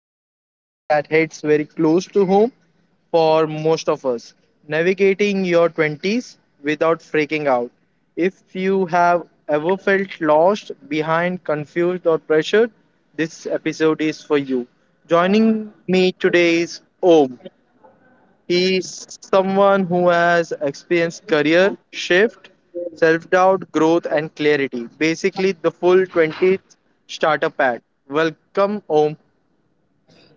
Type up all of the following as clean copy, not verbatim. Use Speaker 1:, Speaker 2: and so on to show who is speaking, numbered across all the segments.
Speaker 1: about something that hits very close to home for most of us. Navigating your 20s without freaking out. If you have ever felt lost, behind, confused or pressured, this episode is for you. Joining me today is Om. He's someone who has experienced career shift, self doubt, growth, and clarity. Basically, the full 20th starter pack. Welcome, Om.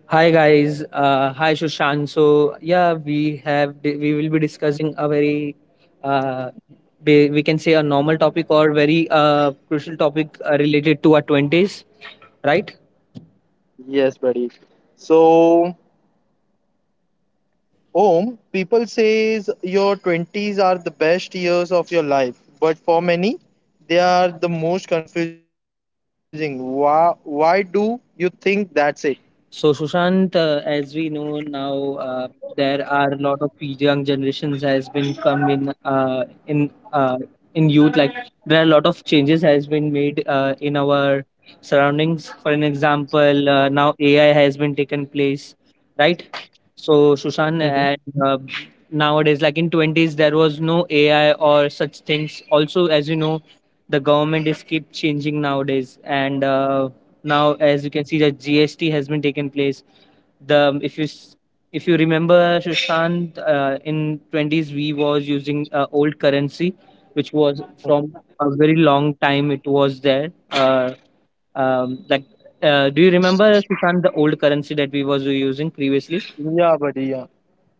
Speaker 2: Hi guys, hi Shushan. So yeah, we will be discussing a very uh, we can say a normal topic or very crucial topic related to our twenties, right?
Speaker 1: Yes, buddy. So, Om, people says your 20s are the best years of your life, but for many, they are the most confusing. Why do you think that's it?
Speaker 2: So, Sushant, as we know now, there are a lot of young generations has been come in in youth. Like there are a lot of changes has been made in our surroundings. For an example, now AI has been taken place, right? So, Sushant,
Speaker 1: Mhm,
Speaker 2: and uh, nowadays, like in twenties, there was no AI or such things. Also, as you know, the government is keep changing nowadays, and now as you can see that gst has been taken place the if you remember Shashank, in twenties we was using old currency which was from
Speaker 1: mhm.
Speaker 2: a very long time it was there, like do you remember Shashank, the old currency that we was using previously?
Speaker 1: Yeah, buddy. Yeah.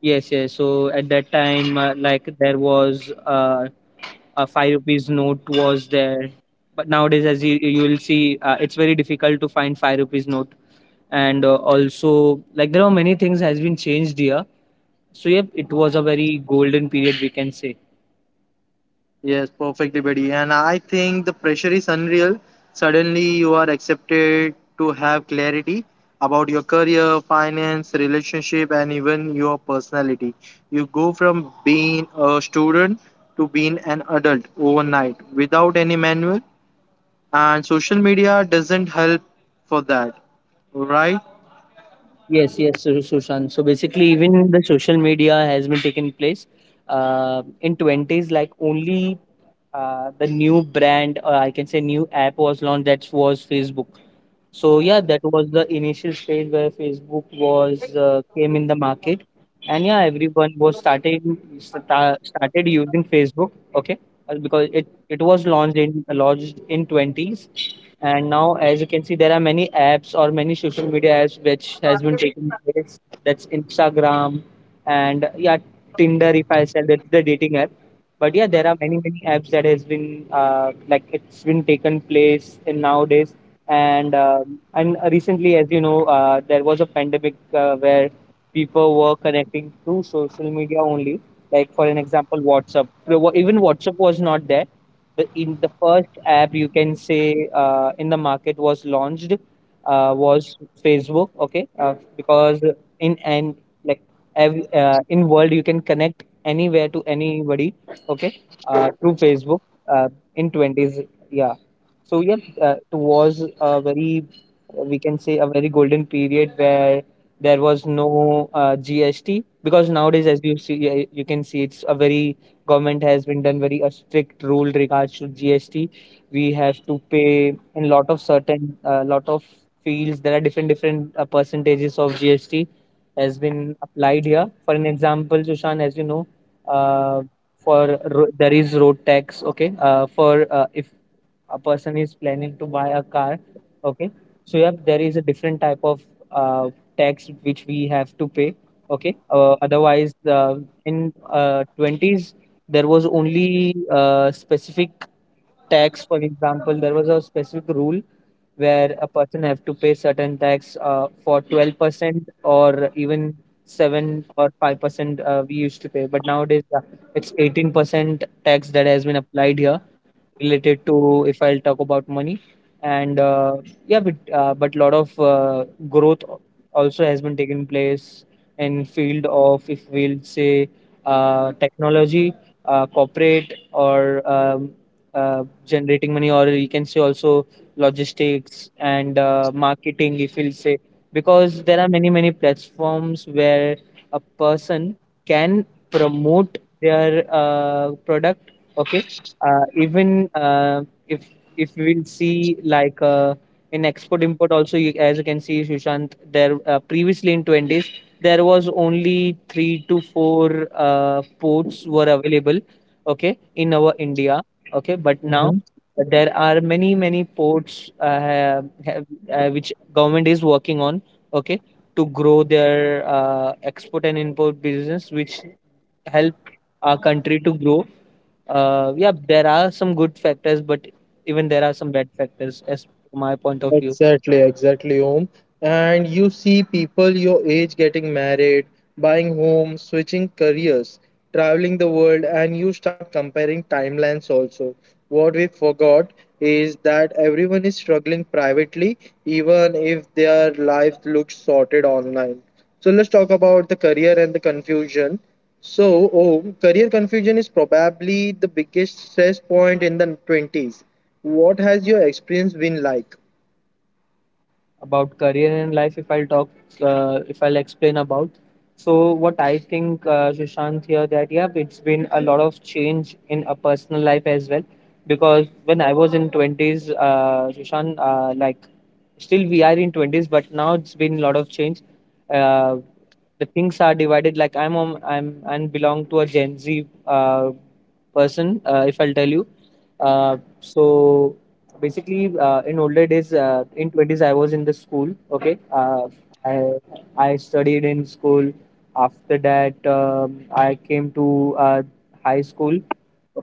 Speaker 2: Yes, yes. So at that time, like there was a five rupees note was there. But nowadays, as you will see, it's very difficult to find five rupees note. And also, like there are many things has been changed here. So yep, it was a very golden period we can say.
Speaker 1: Yes, perfectly, buddy. And I think the pressure is unreal. Suddenly, you are accepted to have clarity about your career, finance, relationship, and even your personality. You go from being a student to being an adult overnight without any manual, and social media doesn't help for that, right?
Speaker 2: Yes, yes, Sushant. So basically, even the social media has been taking place. In twenties, like only the new brand, or I can say new app was launched. That was Facebook. So yeah, that was the initial stage where Facebook was came in the market, and yeah, everyone was started using Facebook. Okay. Because it was launched in twenties, and now as you can see, there are many apps or many social media apps which has been taking place. That's Instagram, and yeah, Tinder. If I said, that's the dating app. But yeah, there are many apps that has been like it's been taken place in nowadays, and recently as you know, there was a pandemic where people were connecting through social media only, like for an example, whatsapp. Even whatsapp was not there. The in the first app you can say, in the market was launched, was facebook. Okay. Because in and like ev- In world you can connect anywhere to anybody. Okay. Through facebook, uh, in twenties. Yeah. So yeah, it was a very, we can say, a very golden period where there was no GST. Because nowadays, as you see, you can see it's a very government has been done very a strict rule regards to GST. We have to pay in lot of certain lot of fields. There are different percentages of GST has been applied here. For an example, Sushan, as you know, uh, there is road tax. Okay. For If a person is planning to buy a car, okay, so yeah, there is a different type of uh, tax which we have to pay. Okay. Otherwise in twenties there was only specific tax. For example, there was a specific rule where a person have to pay certain tax for 12% or even 7 or 5%, we used to pay. But nowadays, it's 18% tax that has been applied here, related to if I'll talk about money. And yeah, but lot of growth also has been taking place in field of, if we'll say, technology, corporate, or generating money, or you can say also logistics and marketing. If we'll say, because there are many platforms where a person can promote their product. Okay. Even if if we'll see, like, in export import also, as you can see, Sushant, there previously in twenties there was only three to four ports were available. Okay, in our India. Okay, but now there are many ports which government is working on. Okay. To grow their export and import business, which help our country to grow. Yeah, there are some good factors, but even there are some bad factors, as from my point of view.
Speaker 1: Exactly, exactly, Om. And you see people your age getting married, buying homes, switching careers, traveling the world, and you start comparing timelines also. What we forgot is that everyone is struggling privately, even if their life looks sorted online. So let's talk about the career and the confusion. So, Om, career confusion is probably the biggest stress point in the 20s. What has your experience been like?
Speaker 2: About career and life, if I'll talk, if I'll explain about, so what I think, Sushant, here, that yeah, it's been a lot of change in a personal life as well, because when I was in twenties, Sushant, like still we are in twenties, but now it's been a lot of change. uh, the things are divided. Like I'm and belong to a gen z person, if I'll tell you. So basically, in older days, in twenties I was in the school. Okay. I I studied in school. After that, I came to high school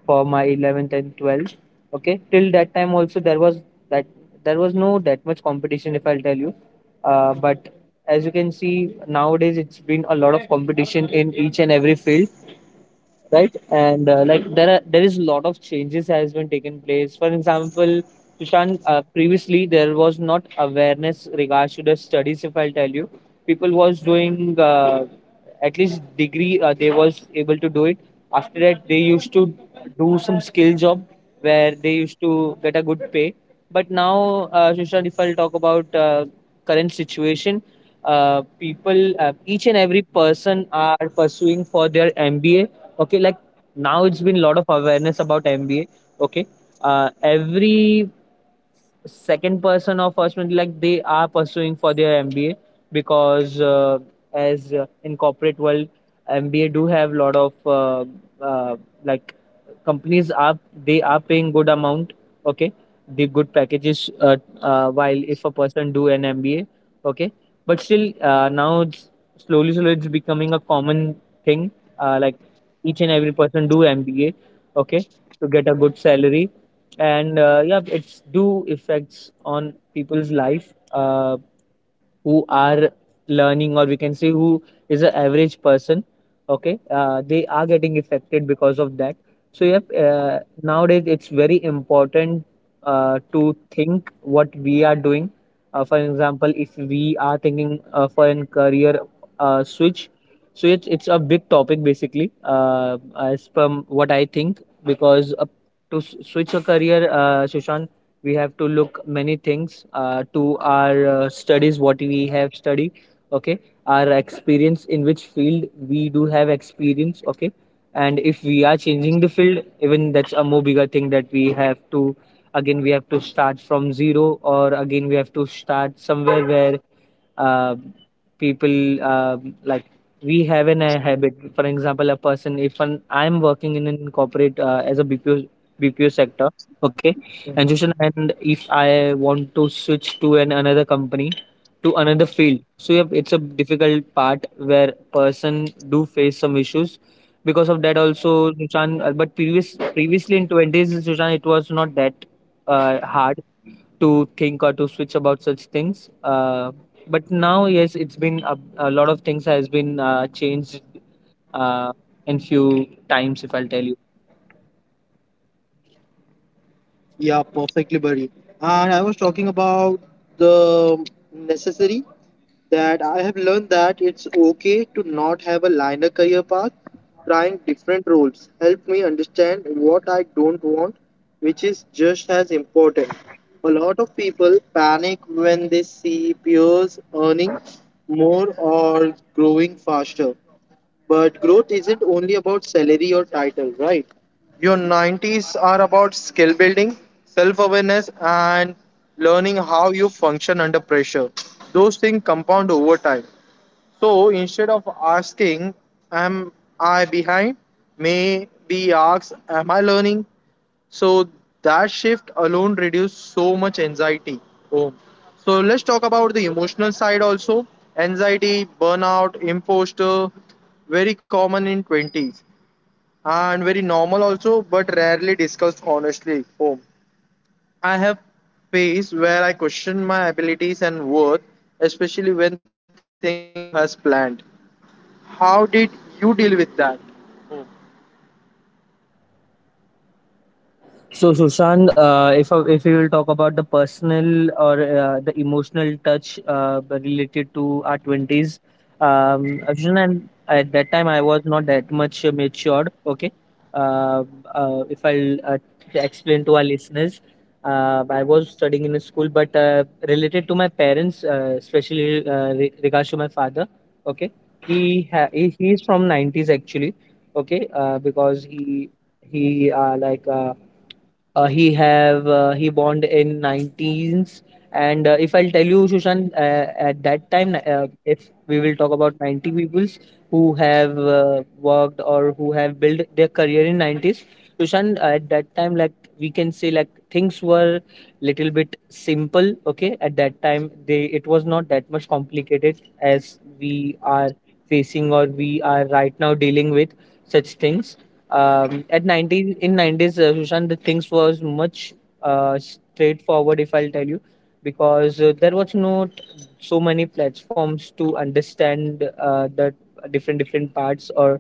Speaker 2: for my 11th and 12th. Okay. Till that time also, that there was no that much competition, if I'll tell you. But as you can see, nowadays it's been a lot of competition in each and every field, right? and like there is a lot of changes has been taken place. For example, Sushant, previously there was not awareness regards to the studies, if I'll tell you. People was doing, at least degree they was able to do it. After that, they used to do some skill job where they used to get a good pay. But now, Sushant, if I'll talk about current situation, people, each and every person are pursuing for their mba. Okay. Like now it's been a lot of awareness about mba. Okay. Every second person or first one, like they are pursuing for their mba. Because, as in corporate world, mba do have lot of uh, like companies are, they are paying good amount. Okay. The good packages, while if a person do an mba. Okay. But still, now it's slowly it's becoming a common thing. Like each and every person do mba. Okay. To get a good salary. And yeah, it's do effects on people's life, who are learning, or we can say, who is an average person. Okay. They are getting affected because of that. So yep, nowadays it's very important to think what we are doing. For example, if we are thinking for a career switch, so it's a big topic basically, as per what I think. Because, switch a career, Sushant, we have to look many things, to our studies, what we have studied. Okay. Our experience, in which field we do have experience. Okay. And if we are changing the field, even that's a more bigger thing, that we have to, again we have to start from zero, or again we have to start somewhere where uh, people, like, we have an a habit. For example, a person, if an, I'm working in an corporate as a bpo sector. Okay. And Joshan,
Speaker 1: Mhm.
Speaker 2: and if I want to switch to an another company, to another field, so yeah, it's a difficult part where person do face some issues because of that also, Sushan. But previously in twenties, Sushan, it was not that hard to think or to switch about such things. But now, yes, it's been a lot of things has been changed uh, in few times, if I'll tell you.
Speaker 1: Yeah, perfectly buried. And I was talking about the necessary that I have learned that it's okay to not have a linear career path. Trying different roles helped me understand what I don't want, which is just as important. A lot of people panic when they see peers earning more or growing faster. But growth isn't only about salary or title, right? Your 90s are about skill building, self awareness, and learning how you function under pressure. Those things compound over time. So instead of asking, am I behind? May we ask, am I learning? So that shift alone reduces so much anxiety. Oh. So let's talk about the emotional side also. Anxiety, burnout, imposter, very common in 20s and very normal also, but rarely discussed honestly. Oh. I have phase where I questioned my abilities and worth, especially when things didn't go as planned. How did you deal with that?
Speaker 2: So, Sushant, if we will talk about the personal or the emotional touch related to our twenties, Arjun and at that time I was not that much matured. Okay. uh, if I'll Explain to our listeners, I was studying in a school, but related to my parents, especially regards to my father. Okay, he ha- he is from nineties actually. Okay, because he like. He born in 19s, and if I'll tell you, Shushan, at that time, if we will talk about 90 peoples who have worked or who have built their career in 90s, Shushan, at that time, like, we can say, like, things were little bit simple. Okay, at that time they, it was not that much complicated as we are facing, or we are right now dealing with such things. At 90s, in 90s, Sushant, the things was much straightforward, if I'll tell you. Because there was not so many platforms to understand the different different parts, or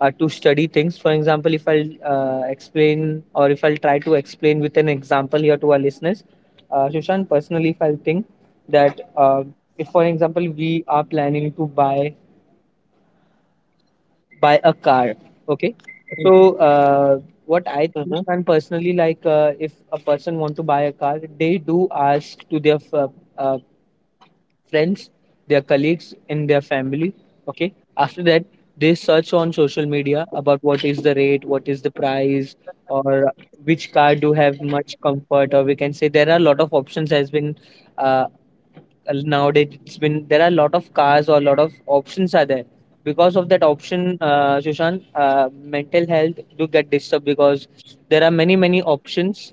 Speaker 2: to study things. For example, if I'll explain, or if I'll try to explain with an example here to our listeners, Sushant, personally, if I'll think that if for example we are planning to buy, by a car. Okay, so
Speaker 1: Mhm.
Speaker 2: what I think, and personally, like, if a person want to buy a car, they do ask to their uh, friends, their colleagues and their family. Okay, after that they search on social media about what is the rate, what is the price, or which car do have much comfort, or we can say there are a lot of options has been. uh, Nowadays it's been, there are a lot of cars, or a lot of options are there. Because of that option, Sushant, mental health do get disturbed because there are many many options.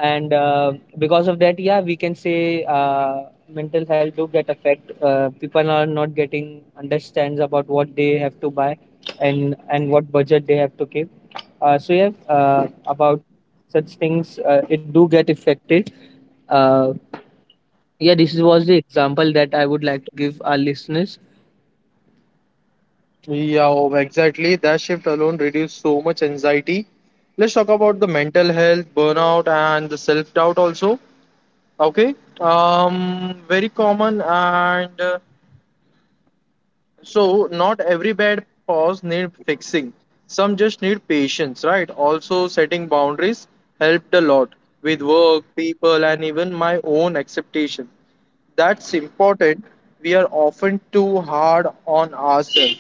Speaker 2: And because of that, yeah, we can say mental health do get affect. People are not getting understands about what they have to buy, and what budget they have to keep. So yeah, about such things it do get affected. uh, yeah, this was the example that I would like to give our listeners.
Speaker 1: Yeah, oh, exactly. That shift alone reduced so much anxiety. Let's talk about the mental health, burnout, and the self doubt also. Okay. Very common and so not every bad pause need fixing. Some just need patience, right? Also setting boundaries helped a lot with work, people and even my own acceptation. That's important. We are often too hard on ourselves.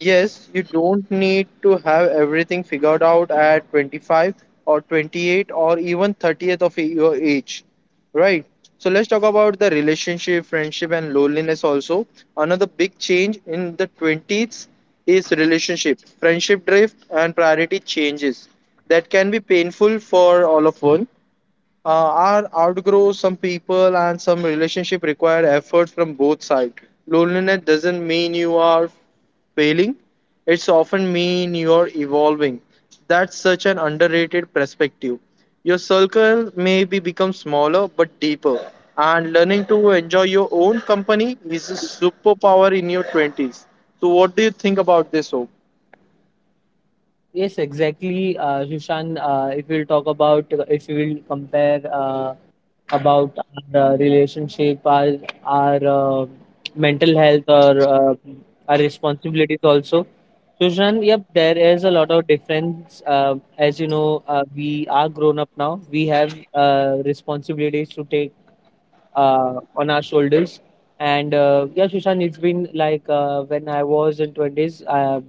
Speaker 1: Yes, you don't need to have everything figured out at 25 or 28 or even 30th of your age, right? So let's talk about the relationship, friendship, and loneliness also. Another big change in the 20s is relationship, friendship drift, and priority changes that can be painful for all of us. uh, are outgrow some people, and some relationship require effort from both sides. Loneliness doesn't mean you are failing, it's often mean you are evolving. That's such an underrated perspective. Your circle may be become smaller but deeper, and learning to enjoy your own company is a superpower in your 20s. So what do you think about this, hope?
Speaker 2: Yes, exactly, Shushan. If we'll talk about, if we will compare about our relationship, our mental health, or our responsibilities also. Shushan, yep, there is a lot of difference. As you know, we are grown up now. We have responsibilities to take on our shoulders. And yeah, Shushan, it's been like when I was in 20s,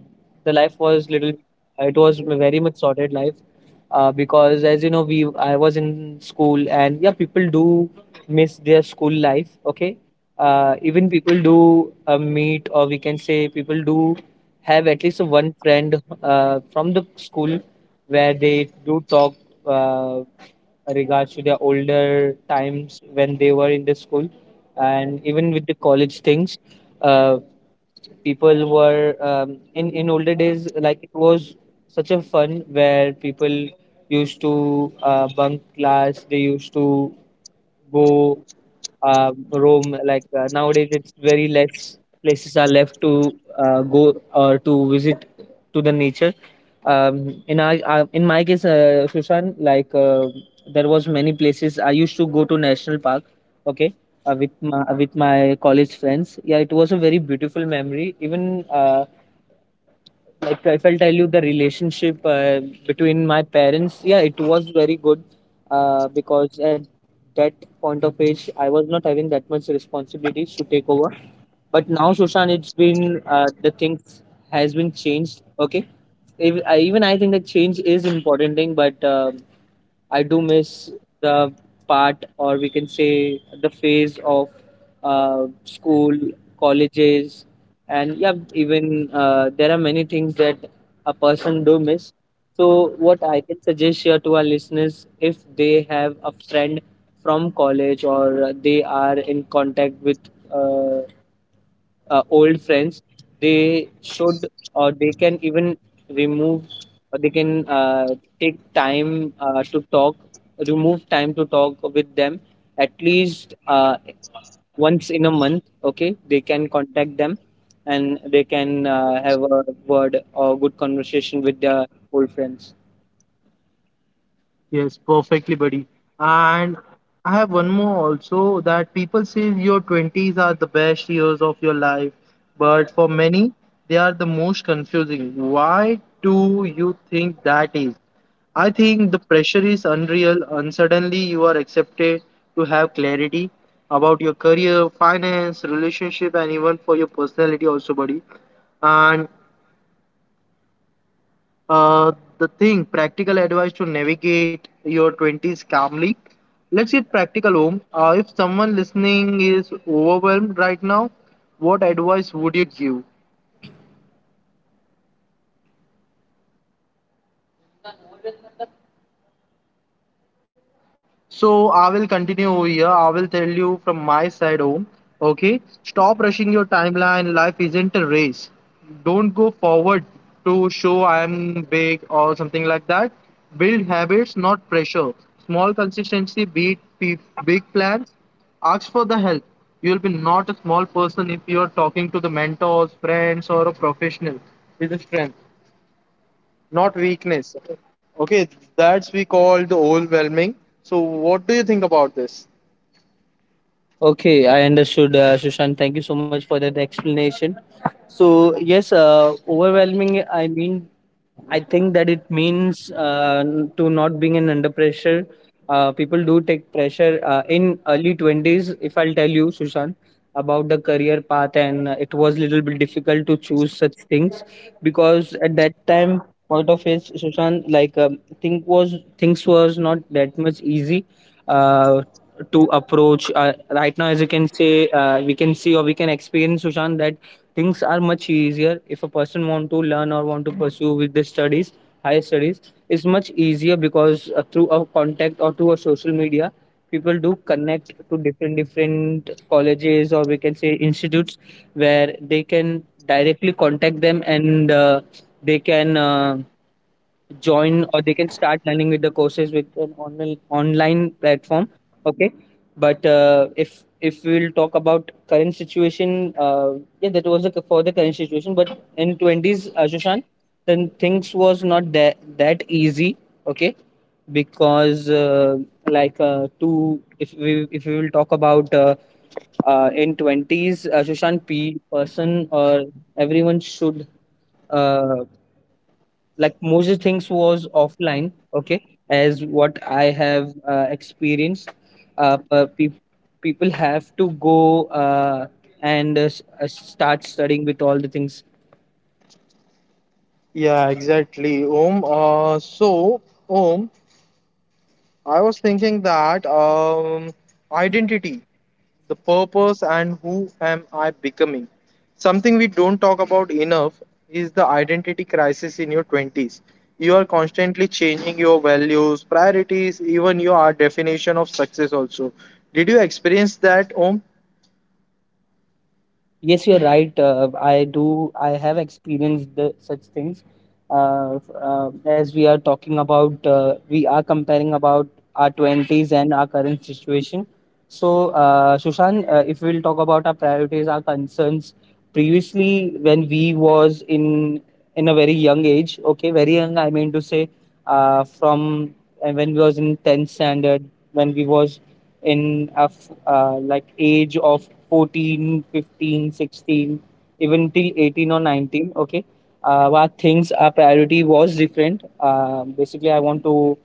Speaker 2: the life was little. It was very much sorted life because, as you know, we I was in school, and yeah, people do miss their school life. Okay, even people do meet, or we can say people do have at least one friend from the school where they do talk. Uh, Regards to their older times when they were in the school, and even with the college things uh, people were, in older days, like, it was such a fun where people used to bunk class. They used to go roam. Like nowadays, it's very less places are left to go or to visit to the nature. In my case, Susan, like, there was many places I used to go to national park. Okay. With my college friends, yeah, it was a very beautiful memory. Even like, if I'll tell you the relationship between my parents, yeah, it was very good because at that point of age, I was not having that much responsibilities to take over. But now, Shoshan, it's been the things has been changed. Okay, even I think that change is important thing, but I do miss the part, or we can say the phase of school, colleges, and yeah, even there are many things that a person do miss. So, what I can suggest here to our listeners, if they have a friend from college, or they are in contact with uh, old friends, they should, or they can even remove, or they can take time to talk, remove time to talk with them at least once in a month. Okay, they can contact them, and they can have a word or good conversation with their old friends.
Speaker 1: Yes, perfectly, buddy. And I have one more also that people say your 20s are the best years of your life, but for many, they are the most confusing. Why do you think that is? I think the pressure is unreal, and suddenly you are accepted to have clarity about your career, finance, relationship, and even for your personality, also, buddy. And uh, the thing, practical advice to navigate your 20s calmly. Let's get practical, home. If someone listening is overwhelmed right now, what advice would you give? So I will continue over here. I will tell you from my side, home. Okay. Stop rushing your timeline. Life isn't a race. Don't go forward to show I am big or something like that. Build habits, not pressure. Small consistency beat big plans. Ask for the help. You will be not a small person if you are talking to the mentors, friends, or a professional with a strength not weakness. Okay, that's we call the overwhelming. So, what do you think about this?
Speaker 2: Okay, I understood, Sushant. Thank you so much for that explanation. So yes, overwhelming. I mean, I think that it means to not being in under pressure. People do take pressure in early 20s. If I'll tell you, Sushant, about the career path, and it was little bit difficult to choose such things, because at that time, point of age, Sushant, like, think was things was not that much easy. Uh, to approach right now, as you can say we can see, or we can experience, Sushant, that things are much easier if a person want to learn or want to pursue with the studies, higher studies. It's much easier because through a contact or through a social media, people do connect to different different colleges, or we can say institutes, where they can directly contact them, and they can join, or they can start learning with the courses, with an online platform. Okay, but if we'll talk about current situation, yeah, that was the, for the current situation. But in 20s, ashushan, then things was not that easy. Okay, because like, to, if we will talk about in 20s, Shushan, P person or everyone should, uh, like, Moses things was offline, okay, as what I have experienced. Uh, uh, peop People have to go, and start studying with all the things.
Speaker 1: Yeah, exactly, Om. So, Om, I was thinking that identity, the purpose, and who am I becoming? Something we don't talk about enough is the identity crisis in your 20s. You are constantly changing your values, priorities, even your definition of success, also. Did you experience that, Om?
Speaker 2: Yes, you're right. I do. I have experienced the, such things. As we are talking about, we are comparing about our 20s and our current situation. So, Shushan, if we'll talk about our priorities, our concerns, previously when we was in a very young age, okay, very young. I mean to say, from and when we was in 10th standard, when we was in a like, age of 14 15, 16, even till 18 or 19. Okay, our things, our priority was different. Basically I want to,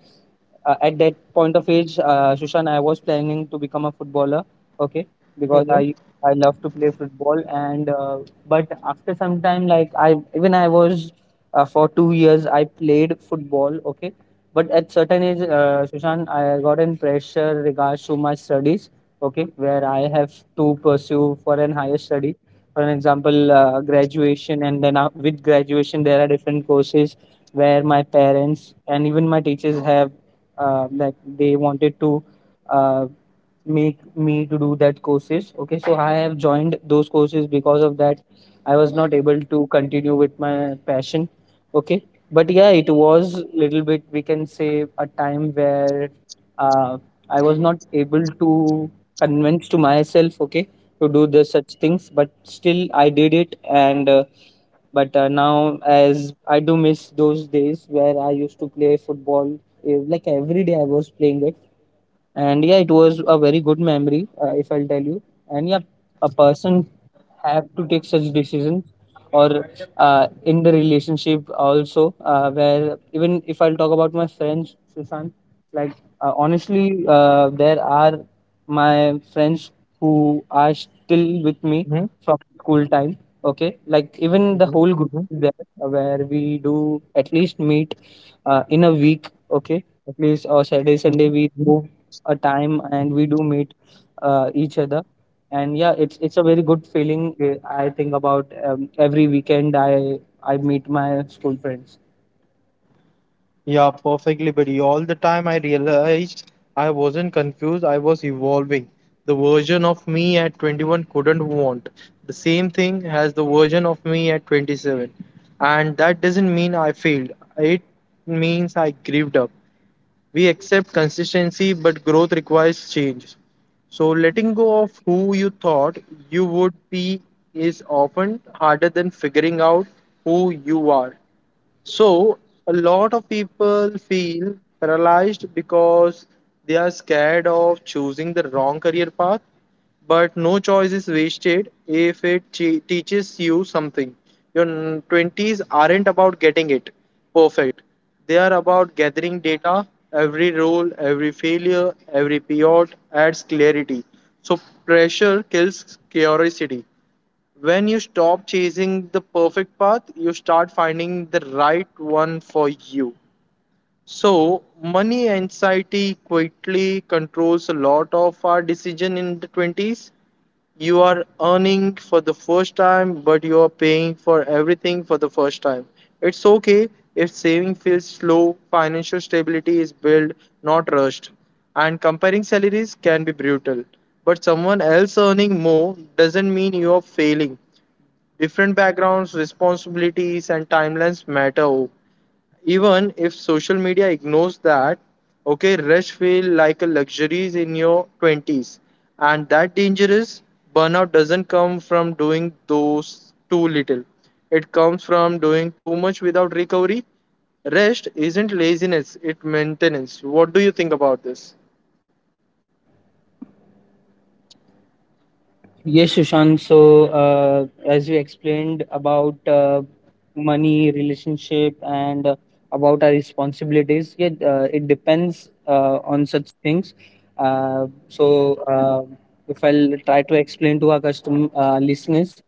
Speaker 2: at that point of age, Shushan, I was planning to become a footballer, okay, because I love to play football. And but after some time, like, I was, for 2 years, I played football, okay. But at certain age, Shushan, I got in pressure regards to my studies, okay, where I have to pursue for an higher study. For an example, graduation, and then with graduation, there are different courses where my parents and even my teachers have, like, they wanted to uh, make me to do that courses. Okay, so I have joined those courses. Because of that, I was not able to continue with my passion. Okay, but yeah, it was little bit, we can say, a time where uh, I was not able to convince to myself, okay, to do the such things, but still I did it. And uh, but uh, now, as I do miss those days where I used to play football, like, every day I was playing it, and yeah, it was a very good memory, if I'll tell you. And yeah, a person have to take such decisions, or in the relationship also, where even if I'll talk about my friends, Sushant, like, honestly, there are my friends who are still with me from school time. Okay, like, even the
Speaker 1: Mhm,
Speaker 2: whole group
Speaker 1: mhm,
Speaker 2: is there, where we do at least meet in a week, okay, at least, or Saturday,
Speaker 1: mhm.
Speaker 2: Sunday, we move a time and we do meet each other, and yeah, it's a very good feeling. I think about, every weekend I meet my school friends.
Speaker 1: Yeah, perfectly, buddy. All the time I realized I wasn't confused, I was evolving. The version of me at 21 couldn't want the same thing as the version of me at 27. And that doesn't mean I failed, it means I grieved up. We accept consistency, but growth requires change. So, letting go of who you thought you would be is often harder than figuring out who you are. So, a lot of people feel paralyzed because they are scared of choosing the wrong career path, but no choice is wasted if it teaches you something. Your 20s aren't about getting it perfect, they are about gathering data. Every role, every failure, every pivot adds clarity. So, pressure kills curiosity. When you stop chasing the perfect path, you start finding the right one for you. So, money anxiety quickly controls a lot of our decision in the 20s. You are earning for the first time, but you are paying for everything for the first time. It's okay if saving feels slow, financial stability is built, not rushed. And comparing salaries can be brutal. But someone else earning more doesn't mean you are failing. Different backgrounds, responsibilities, and timelines matter. Even if social media ignores that, okay, rest feel like a luxury in your 20s. And that danger is burnout doesn't come from doing those too little. It comes from doing too much without recovery. Rest isn't laziness, it maintenance. What do you think about this?
Speaker 2: Yes, Sushant. So, as we explained about money, relationship, and about our responsibilities, yeah, it depends on such things. Uh, so, uh, if I'll try to explain to our custom listeners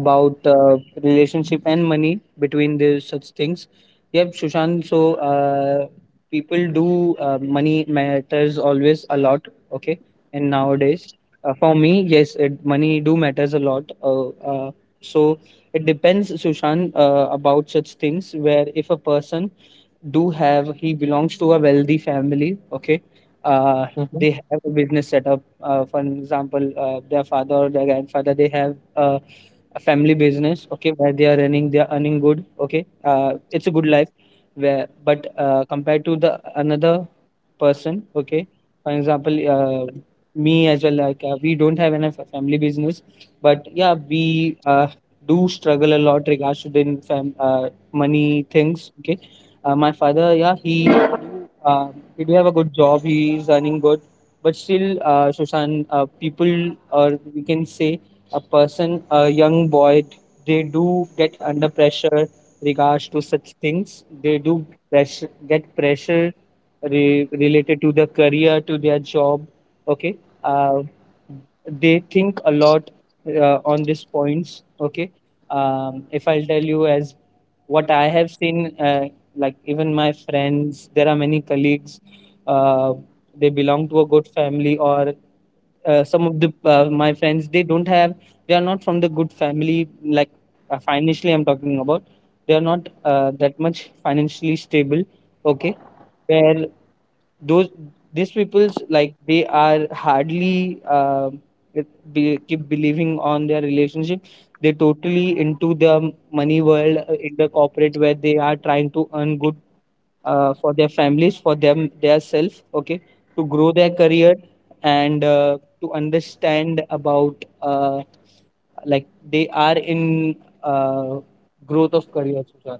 Speaker 2: about relationship and money between these such things, yep, Sushant. So, people do, money matters always a lot. Okay, and nowadays for me, yes, it, money do matters a lot. So it depends, Sushant, about such things where if a person do have, he belongs to a wealthy family. Okay, uh, they have a business setup, for example, their father or their grandfather, they have a family business, okay, where they are running, they are earning good. Okay, it's a good life where, but compared to the another person. Okay, for example, me as well, like, we don't have enough family business. But yeah, we do struggle a lot regards to the money things. Okay, my father, yeah, he do have a good job. He is earning good, but still, Shoshan, people, or we can say a person, a young boy, they do get under pressure regards to such things. They do pressure, get pressure, related to their career, to their job. Okay, uh, they think a lot on these points. Okay, if I'll tell you as what I have seen, like, even my friends, there are many colleagues, uh, they belong to a good family, or some of the, my friends, they don't have, they are not from the good family. Like, financially I'm talking about, they are not that much financially stable. Okay, where those, these people's, like, they are hardly keep believing on their relationship. They totally into the money world, in the corporate, where they are trying to earn good, for their families, for them, their self. Okay, to grow their career, and to understand about uh, like, they are in uh, growth of career, Susan.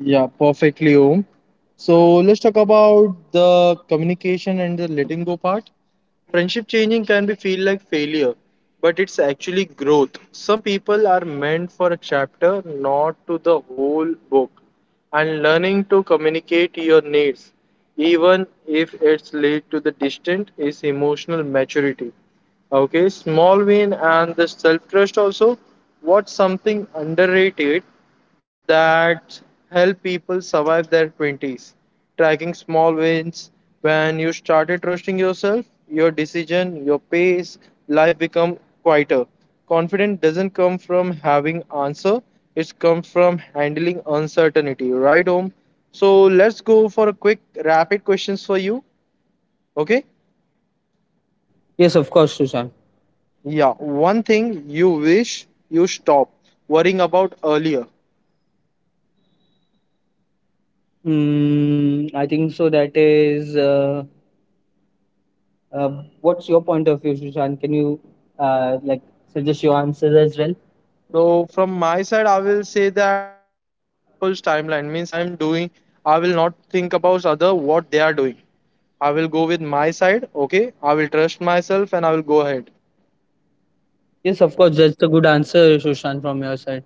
Speaker 1: Yeah, perfectly, Om. So let's talk about the communication and the letting go part. Friendship changing can be feel like failure, but it's actually growth. Some people are meant for a chapter, not to the whole book. And learning to communicate your needs, even if it's lead to the distant, is emotional maturity. Okay, small win and the self trust also. What's something underrated that help people survive their 20s? Tracking small wins when you started trusting yourself, your decision, your pace, life become quieter. Confidence doesn't come from having answer, it's come from handling uncertainty, right Om? So let's go for a quick rapid questions for you. Okay?
Speaker 2: Yes, of course, Susan.
Speaker 1: Yeah, one thing you wish you stopped worrying about earlier.
Speaker 2: I think so that is Uh, what's your point of view, Sushant? Can you like, suggest your answers as well?
Speaker 1: So from my side, I will say that other people's timeline means I am doing. I will not think about other what they are doing. I will go with my side. Okay, I will trust myself and I will go ahead.
Speaker 2: Yes, of course. That's a good answer, Sushant, from your side.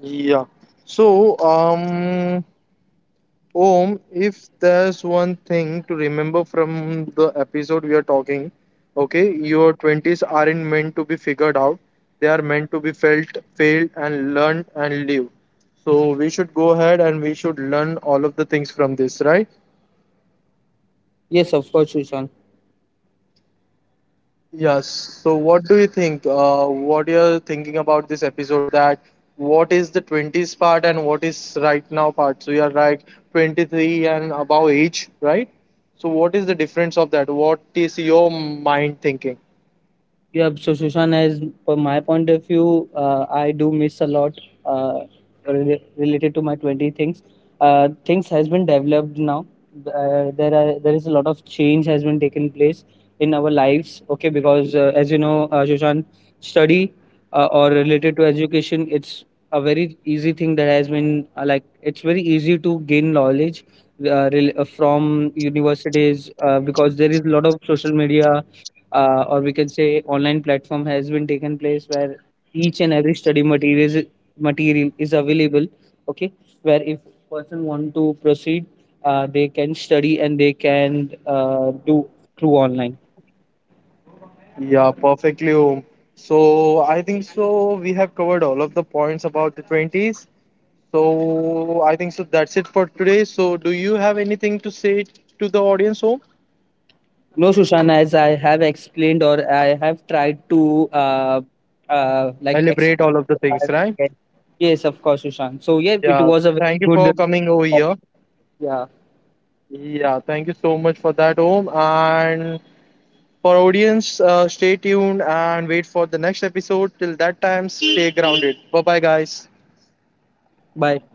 Speaker 1: Yeah. So Om, if there's one thing to remember from the episode we are talking, okay, your 20s aren't meant to be figured out. They are meant to be felt, failed, and learned and live. So we should go ahead and we should learn all of the things from this, right?
Speaker 2: Yes, of course, Sushant.
Speaker 1: Yes. So, what do you think? What you're thinking about this episode? That what is the 20s part and what is right now part? So, you are like 23 and above age, right? So, what is the difference of that? What is your mind thinking?
Speaker 2: Yeah, so, Shushan, as for my point of view, I do miss a lot uh, related to my 20 things. Things has been developed now. There is a lot of change has been taken place in our lives. Okay, because as you know, Shushan, study or related to education, it's a very easy thing that has been, like, it's very easy to gain knowledge from universities because there is a lot of social media or we can say online platform has been taken place, where each and every study materials material is available. Okay, where if person want to proceed, they can study, and they can do through online.
Speaker 1: Yeah, perfectly home. So, I think so. We have covered all of the points about the 20s. So, I think so. That's it for today. So, do you have anything to say to the audience, home?
Speaker 2: No, Sushana, as I have explained, or I have tried to uh, like,
Speaker 1: Elaborate
Speaker 2: explain
Speaker 1: all of
Speaker 2: to
Speaker 1: the
Speaker 2: our
Speaker 1: things, right?
Speaker 2: weekend. Yes, of course, Sushant. So yeah, it
Speaker 1: Yeah,
Speaker 2: was a very
Speaker 1: thank you
Speaker 2: good
Speaker 1: for coming over here.
Speaker 2: topic. Yeah,
Speaker 1: Yeah, thank you so much for that, Om. And for audience, stay tuned and wait for the next episode. Till that time, stay grounded. Bye bye, guys.
Speaker 2: bye.